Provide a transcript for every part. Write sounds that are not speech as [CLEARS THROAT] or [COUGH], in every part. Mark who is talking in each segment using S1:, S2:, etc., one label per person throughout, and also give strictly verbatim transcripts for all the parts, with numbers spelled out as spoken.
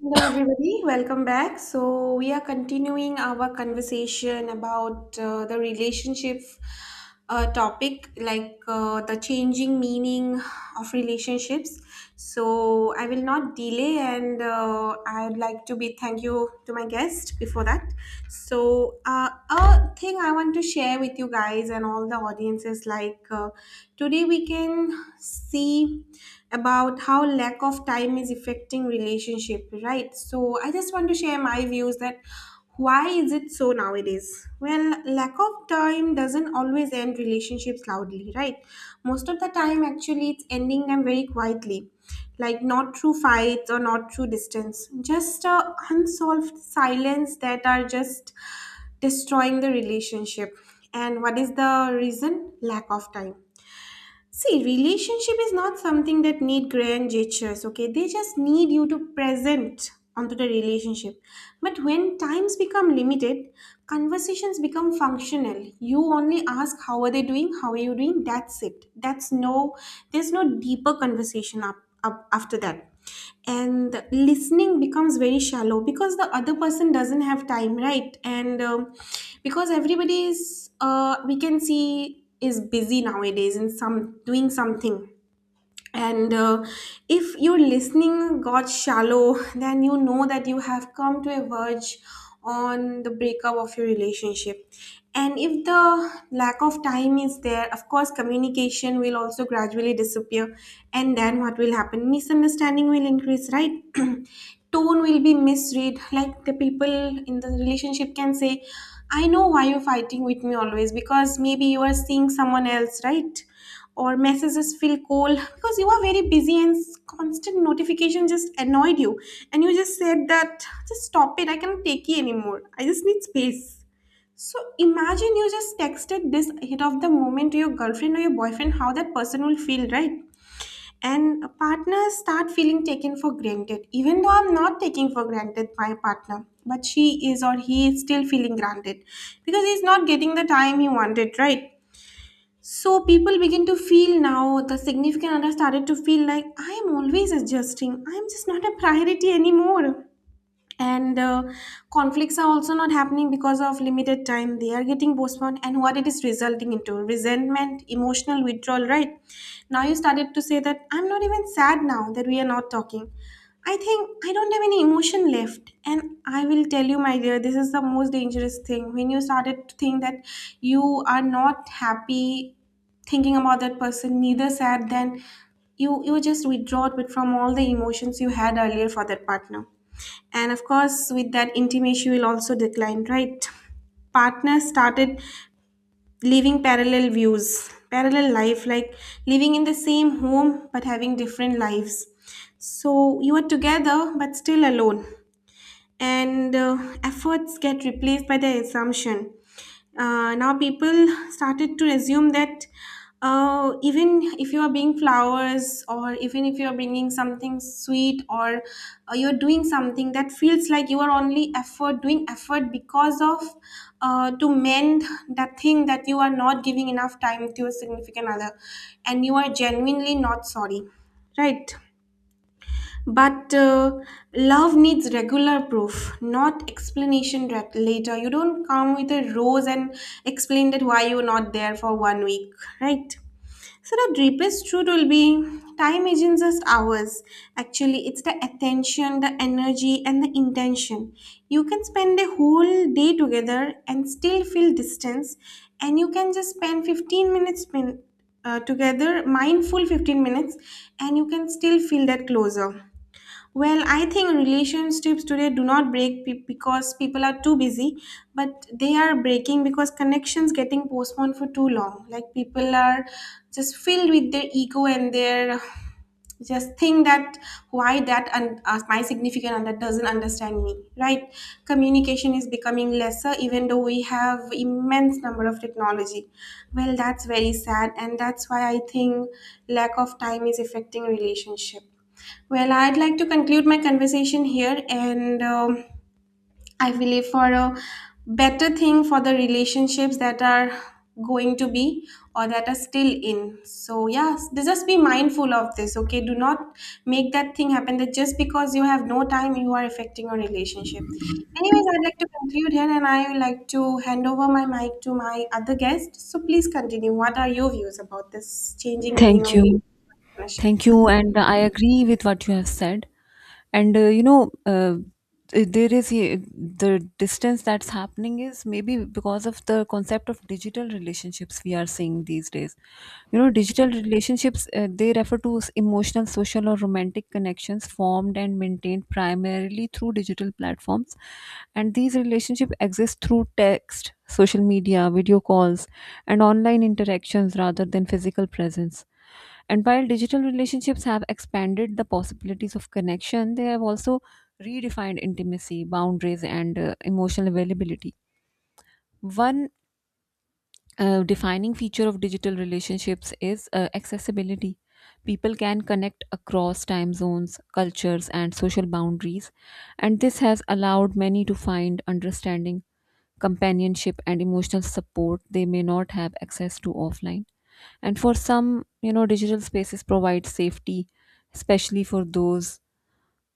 S1: Hello, everybody. Welcome back. So, we are continuing our conversation about uh, the relationship uh, topic, like uh, the changing meaning of relationships. So, I will not delay, and uh, I'd like to be thank you to my guest before that. So, uh, a thing I want to share with you guys and all the audiences, like uh, today we can see about how lack of time is affecting relationship, right? So I just want to share my views that why is it so nowadays. Well, lack of time doesn't always end relationships loudly, right? Most of the time actually it's ending them very quietly, like not through fights or not through distance, just uh, unsolved silence that are just destroying the relationship. And what is the reason? Lack of time. See, relationship is not something that need grand gestures, okay? They just need you to present onto the relationship. But when times become limited, conversations become functional. You only ask how are they doing, how are you doing? That's it. That's no There's no deeper conversation up, up after that, and listening becomes very shallow because the other person doesn't have time, right? And um, because everybody is, uh, we can see, is busy nowadays and some doing something. And uh, if your listening got shallow, then you know that you have come to a verge on the breakup of your relationship. And if the lack of time is there, of course communication will also gradually disappear. And then what will happen? Misunderstanding will increase, right? [CLEARS THROAT] Tone will be misread, like the people in the relationship can say, I know why you're fighting with me always, because maybe you are seeing someone else, right? Or messages feel cold because you are very busy, and s- constant notification just annoyed you, and you just said that, just stop it, I cannot take it anymore, I just need space. So imagine you just texted this hit of the moment to your girlfriend or your boyfriend, how that person will feel, right? And partners start feeling taken for granted, even though I'm not taking for granted my partner, but she is or he is still feeling granted because he's not getting the time he wanted, right? So people begin to feel now, the significant other started to feel like, I am always adjusting. I am just not a priority anymore. And uh, conflicts are also not happening because of limited time, they are getting postponed. And what it is resulting into? Resentment, emotional withdrawal, right? Now you started to say that, I'm not even sad now that we are not talking. I think I don't have any emotion left. And I will tell you my dear, this is the most dangerous thing, when you started to think that you are not happy thinking about that person, neither sad, then you you just withdraw it from all the emotions you had earlier for that partner. And of course, with that, intimacy will also decline, right? Partners started living parallel views, parallel life, like living in the same home but having different lives. So you are together but still alone. And uh, efforts get replaced by the assumption. Uh, now people started to assume that, uh, even if you are being flowers or even if you are bringing something sweet, or uh, you're doing something that feels like you are only effort, doing effort because of, uh, to mend that thing, that you are not giving enough time to your significant other, and you are genuinely not sorry, right? But uh, love needs regular proof, not explanation rat- later. You don't come with a rose and explain that why you're not there for one week, right? So the deepest truth will be, time isn't just hours. Actually, it's the attention, the energy, and the intention. You can spend a whole day together and still feel distance, and you can just spend fifteen minutes spend, uh, together, mindful fifteen minutes, and you can still feel that closer. Well, I think relationships today do not break pe- because people are too busy, but they are breaking because connections getting postponed for too long. Like people are just filled with their ego and their [SIGHS] just think that why that, and uh, my significant other doesn't understand me, right? Communication is becoming lesser even though we have immense number of technology. Well, that's very sad, and that's why I think lack of time is affecting relationship. Well, I'd like to conclude my conversation here, and um, I believe for a better thing for the relationships that are going to be or that are still in. So, yes, just be mindful of this, okay? Do not make that thing happen that just because you have no time, you are affecting your relationship. Anyways, I'd like to conclude here, and I would like to hand over my mic to my other guest. So, please continue. What are your views about this changing meaning
S2: Thank
S1: of
S2: you.
S1: relationship?
S2: Thank you. And I agree with what you have said. And, uh, you know, uh, there is a- the distance that's happening is maybe because of the concept of digital relationships we are seeing these days. You know, digital relationships, uh, they refer to s- emotional, social, or romantic connections formed and maintained primarily through digital platforms. And these relationships exist through text, social media, video calls, and online interactions rather than physical presence, and while digital relationships have expanded the possibilities of connection, they have also redefined intimacy, boundaries, and uh, emotional availability. One uh, Defining feature of digital relationships is uh, accessibility. People can connect across time zones, cultures, and social boundaries, and this has allowed many to find understanding, companionship, and emotional support they may not have access to offline. And for some, you know, digital spaces provide safety, especially for those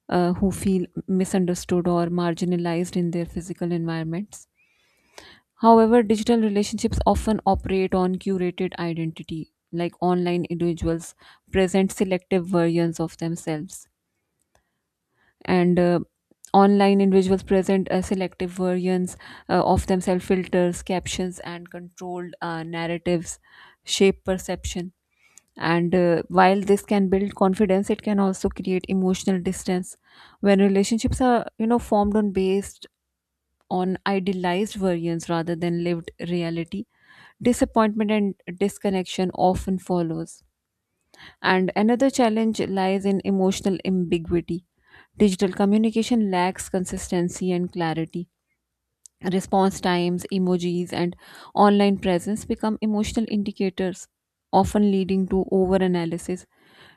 S2: uh, who feel misunderstood or marginalized in their physical environments. However, digital relationships often operate on curated identity. Like, online individuals present selective versions of themselves. And uh, online individuals present uh, selective versions uh, of themselves filters, captions, and controlled uh, narratives shape perception. And uh, while this can build confidence, it can also create emotional distance. When relationships are, you know, formed on based on idealized versions rather than lived reality, disappointment and disconnection often follows. And another challenge lies in emotional ambiguity. Digital communication lacks consistency and clarity. Response times, emojis, and online presence become emotional indicators, often leading to overanalysis.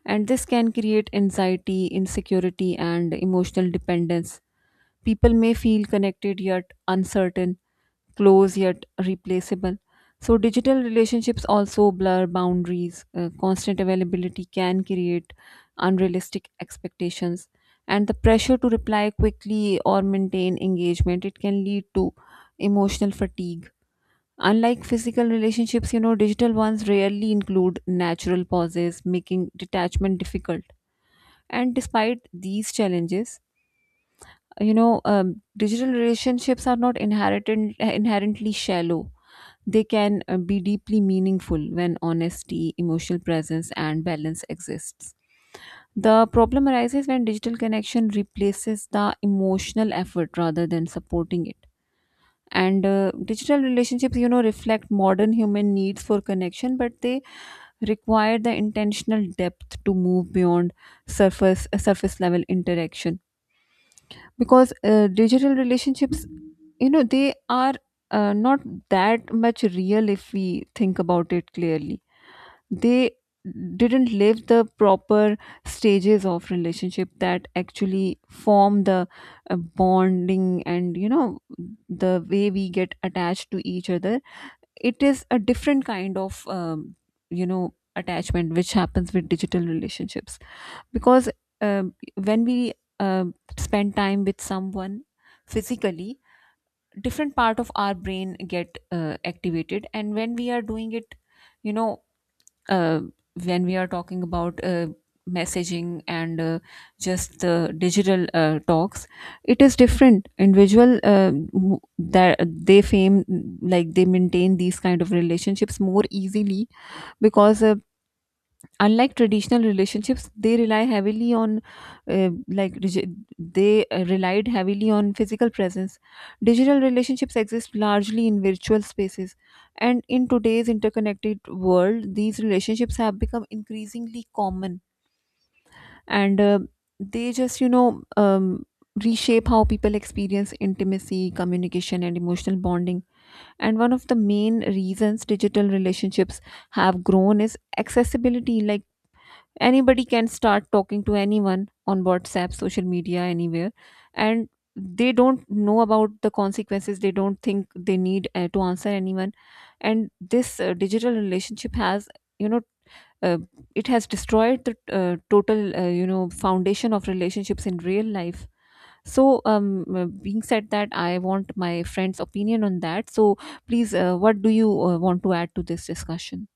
S2: And this can create anxiety, insecurity, and emotional dependence. People may feel connected yet uncertain, close yet replaceable. So digital relationships also blur boundaries. Uh, constant availability can create unrealistic expectations, and the pressure to reply quickly or maintain engagement, it can lead to emotional fatigue. Unlike physical relationships, you know, digital ones rarely include natural pauses, making detachment difficult. And despite these challenges, you know um, digital relationships are not inherited inherently shallow. They can uh, be deeply meaningful when honesty, emotional presence, and balance exists. The problem arises when digital connection replaces the emotional effort rather than supporting it. And uh, digital relationships, you know, reflect modern human needs for connection, but they require the intentional depth to move beyond surface surface level interaction. Because uh, digital relationships, you know, they are uh, not that much real if we think about it clearly. They didn't live the proper stages of relationship that actually form the uh, bonding. And you know, the way we get attached to each other, it is a different kind of um, you know, attachment which happens with digital relationships. Because um when we um spend time with someone physically, different part of our brain get uh, activated. And when we are doing it, you know uh, when we are talking about uh, messaging and uh, just the digital uh, talks, it is different individual uh, who- that they fame, like they maintain these kind of relationships more easily. Because uh, unlike traditional relationships they rely heavily on uh, like regi- they uh, relied heavily on physical presence. Digital relationships exist largely in virtual spaces, and in today's interconnected world these relationships have become increasingly common. And uh, they just, you know um, reshape how people experience intimacy, communication, and emotional bonding. And one of the main reasons digital relationships have grown is accessibility. Like, anybody can start talking to anyone on WhatsApp, social media, anywhere. And they don't know about the consequences, they don't think they need uh, to answer anyone. And this uh, digital relationship has, you know, uh, it has destroyed the uh, total, uh, you know, foundation of relationships in real life. So um uh, being said that, I want my friend's opinion on that. So please, uh, what do you uh, want to add to this discussion?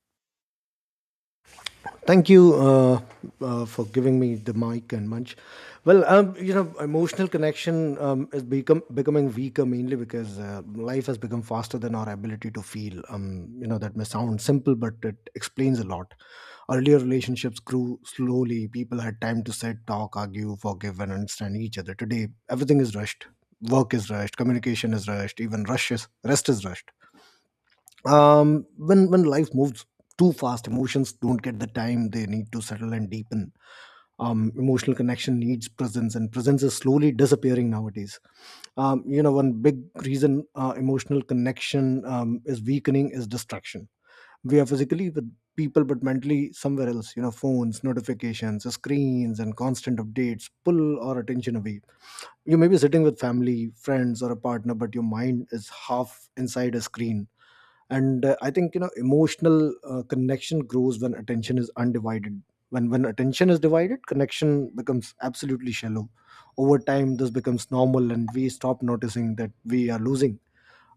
S3: Thank you uh, uh, for giving me the mic and munch. Well, um, you know, emotional connection um, is become becoming weaker mainly because uh, life has become faster than our ability to feel. Um, you know, that may sound simple, but it explains a lot. Earlier relationships grew slowly. People had time to sit, talk, argue, forgive, and understand each other. Today, everything is rushed. Work is rushed. Communication is rushed. Even rush is, rest is rushed. Um when when life moves too fast, emotions don't get the time they need to settle and deepen. Um emotional connection needs presence, and presence is slowly disappearing nowadays. Um you know, one big reason uh, emotional connection um, is weakening is distraction. We are physically with people but mentally somewhere else. You know, phones, notifications, screens, and constant updates pull our attention away. You may be sitting with family, friends, or a partner, but your mind is half inside a screen. And uh, I think, you know, emotional uh, connection grows when attention is undivided. When when attention is divided, connection becomes absolutely shallow. Over time this becomes normal and we stop noticing that we are losing.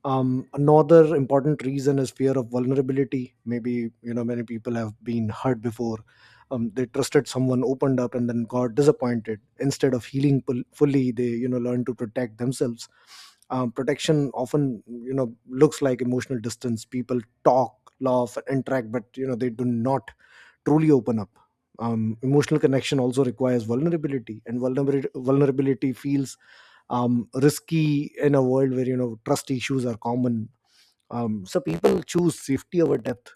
S3: um, Another important reason is fear of vulnerability. Maybe, you know, many people have been hurt before. Um, they trusted someone, opened up, and then got disappointed. Instead of healing pul- fully, they, you know, learn to protect themselves. Um, protection often, you know, looks like emotional distance. People talk, laugh, and interact, but you know, they do not truly open up. Um, emotional connection also requires vulnerability, and vulnerability, vulnerability feels um, risky in a world where, you know, trust issues are common. Um, so people choose safety over depth.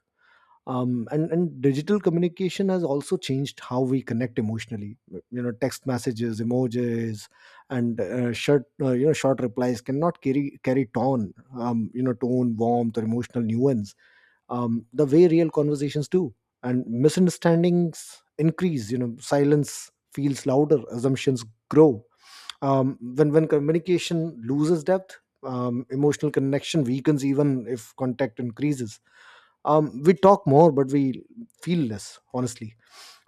S3: Um, and and digital communication has also changed how we connect emotionally. You know, text messages, emojis, and uh, short uh, you know short replies cannot carry carry tone. Um, you know, tone, warmth, or emotional nuance. Um, the way real conversations do, and misunderstandings increase. You know, silence feels louder, assumptions grow. Um, when when communication loses depth, um, emotional connection weakens even if contact increases. Um, we talk more, but we feel less honestly.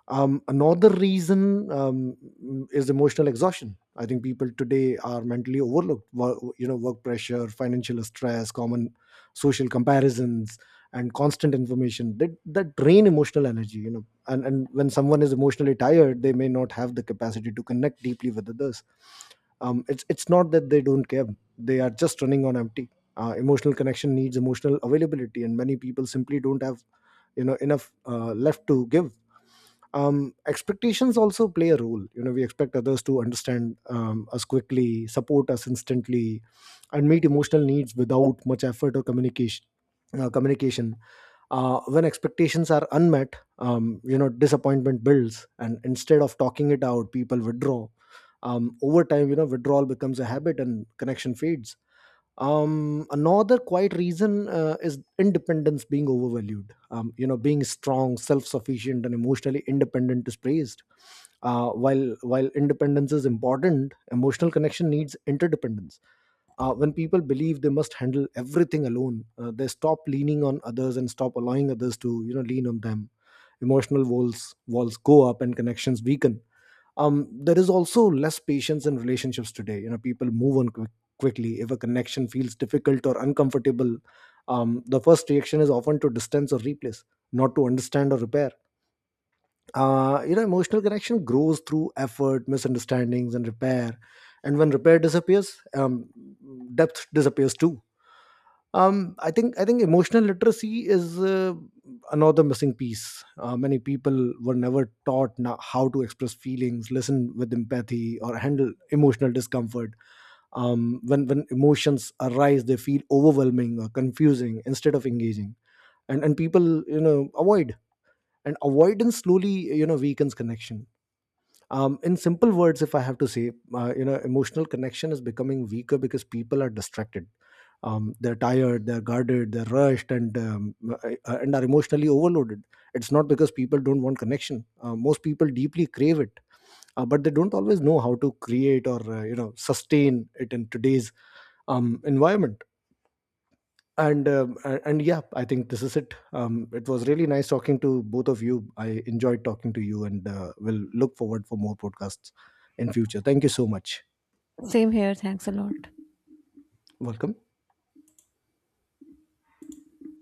S3: Um, another reason um, mm, is emotional exhaustion. I think people today are mentally overlooked. Wo- You know, work pressure, financial stress, common social comparisons, and constant information that that drain emotional energy. You know, and and when someone is emotionally tired, they may not have the capacity to connect deeply with others. Um, it's it's not that they don't care; they are just running on empty. Uh, emotional connection needs emotional availability, and many people simply don't have, you know, enough uh, left to give. Um, expectations also play a role. You know, we expect others to understand, um, us quickly, support us instantly, and meet emotional needs without much effort or communication uh, communication. Uh, when expectations are unmet, um, you know, disappointment builds, and instead of talking it out, people withdraw. Um, over time, you know, withdrawal becomes a habit and connection fades. Um another quite reason uh, is independence being overvalued. Um you know, being strong, self-sufficient, and emotionally independent is praised. Uh, while while independence is important, emotional connection needs interdependence. Uh, when people believe they must handle everything alone, uh, they stop leaning on others and stop allowing others to, you know, lean on them. Emotional walls walls go up and connections weaken. Um, there is also less patience in relationships today. You know, people move on quick, quickly if a connection feels difficult or uncomfortable. Um, the first reaction is often to distance or replace, not to understand or repair. Uh, you know, emotional connection grows through effort, misunderstandings, and repair, and when repair disappears, um, depth disappears too. Um, I think I think emotional literacy is uh, another missing piece. Uh, many people were never taught na how to express feelings, listen with empathy, or handle emotional discomfort. Um, when when emotions arise, they feel overwhelming or confusing. Instead of engaging, and and people you know, avoid. And avoidance slowly, you know, weakens connection. Um, in simple words, if I have to say, uh, you know, emotional connection is becoming weaker because people are distracted. Um, they're tired, they're guarded, they're rushed, and um, uh, uh, and are emotionally overloaded. It's not because people don't want connection. Uh, most people deeply crave it. Uh, but they don't always know how to create or, uh, you know, sustain it in today's um, environment. And um, a- and yeah, I think this is it. Um, it was really nice talking to both of you. I enjoyed talking to you, and uh, will look forward for more podcasts in future. Thank you so much.
S2: Same here, thanks a lot.
S3: Welcome.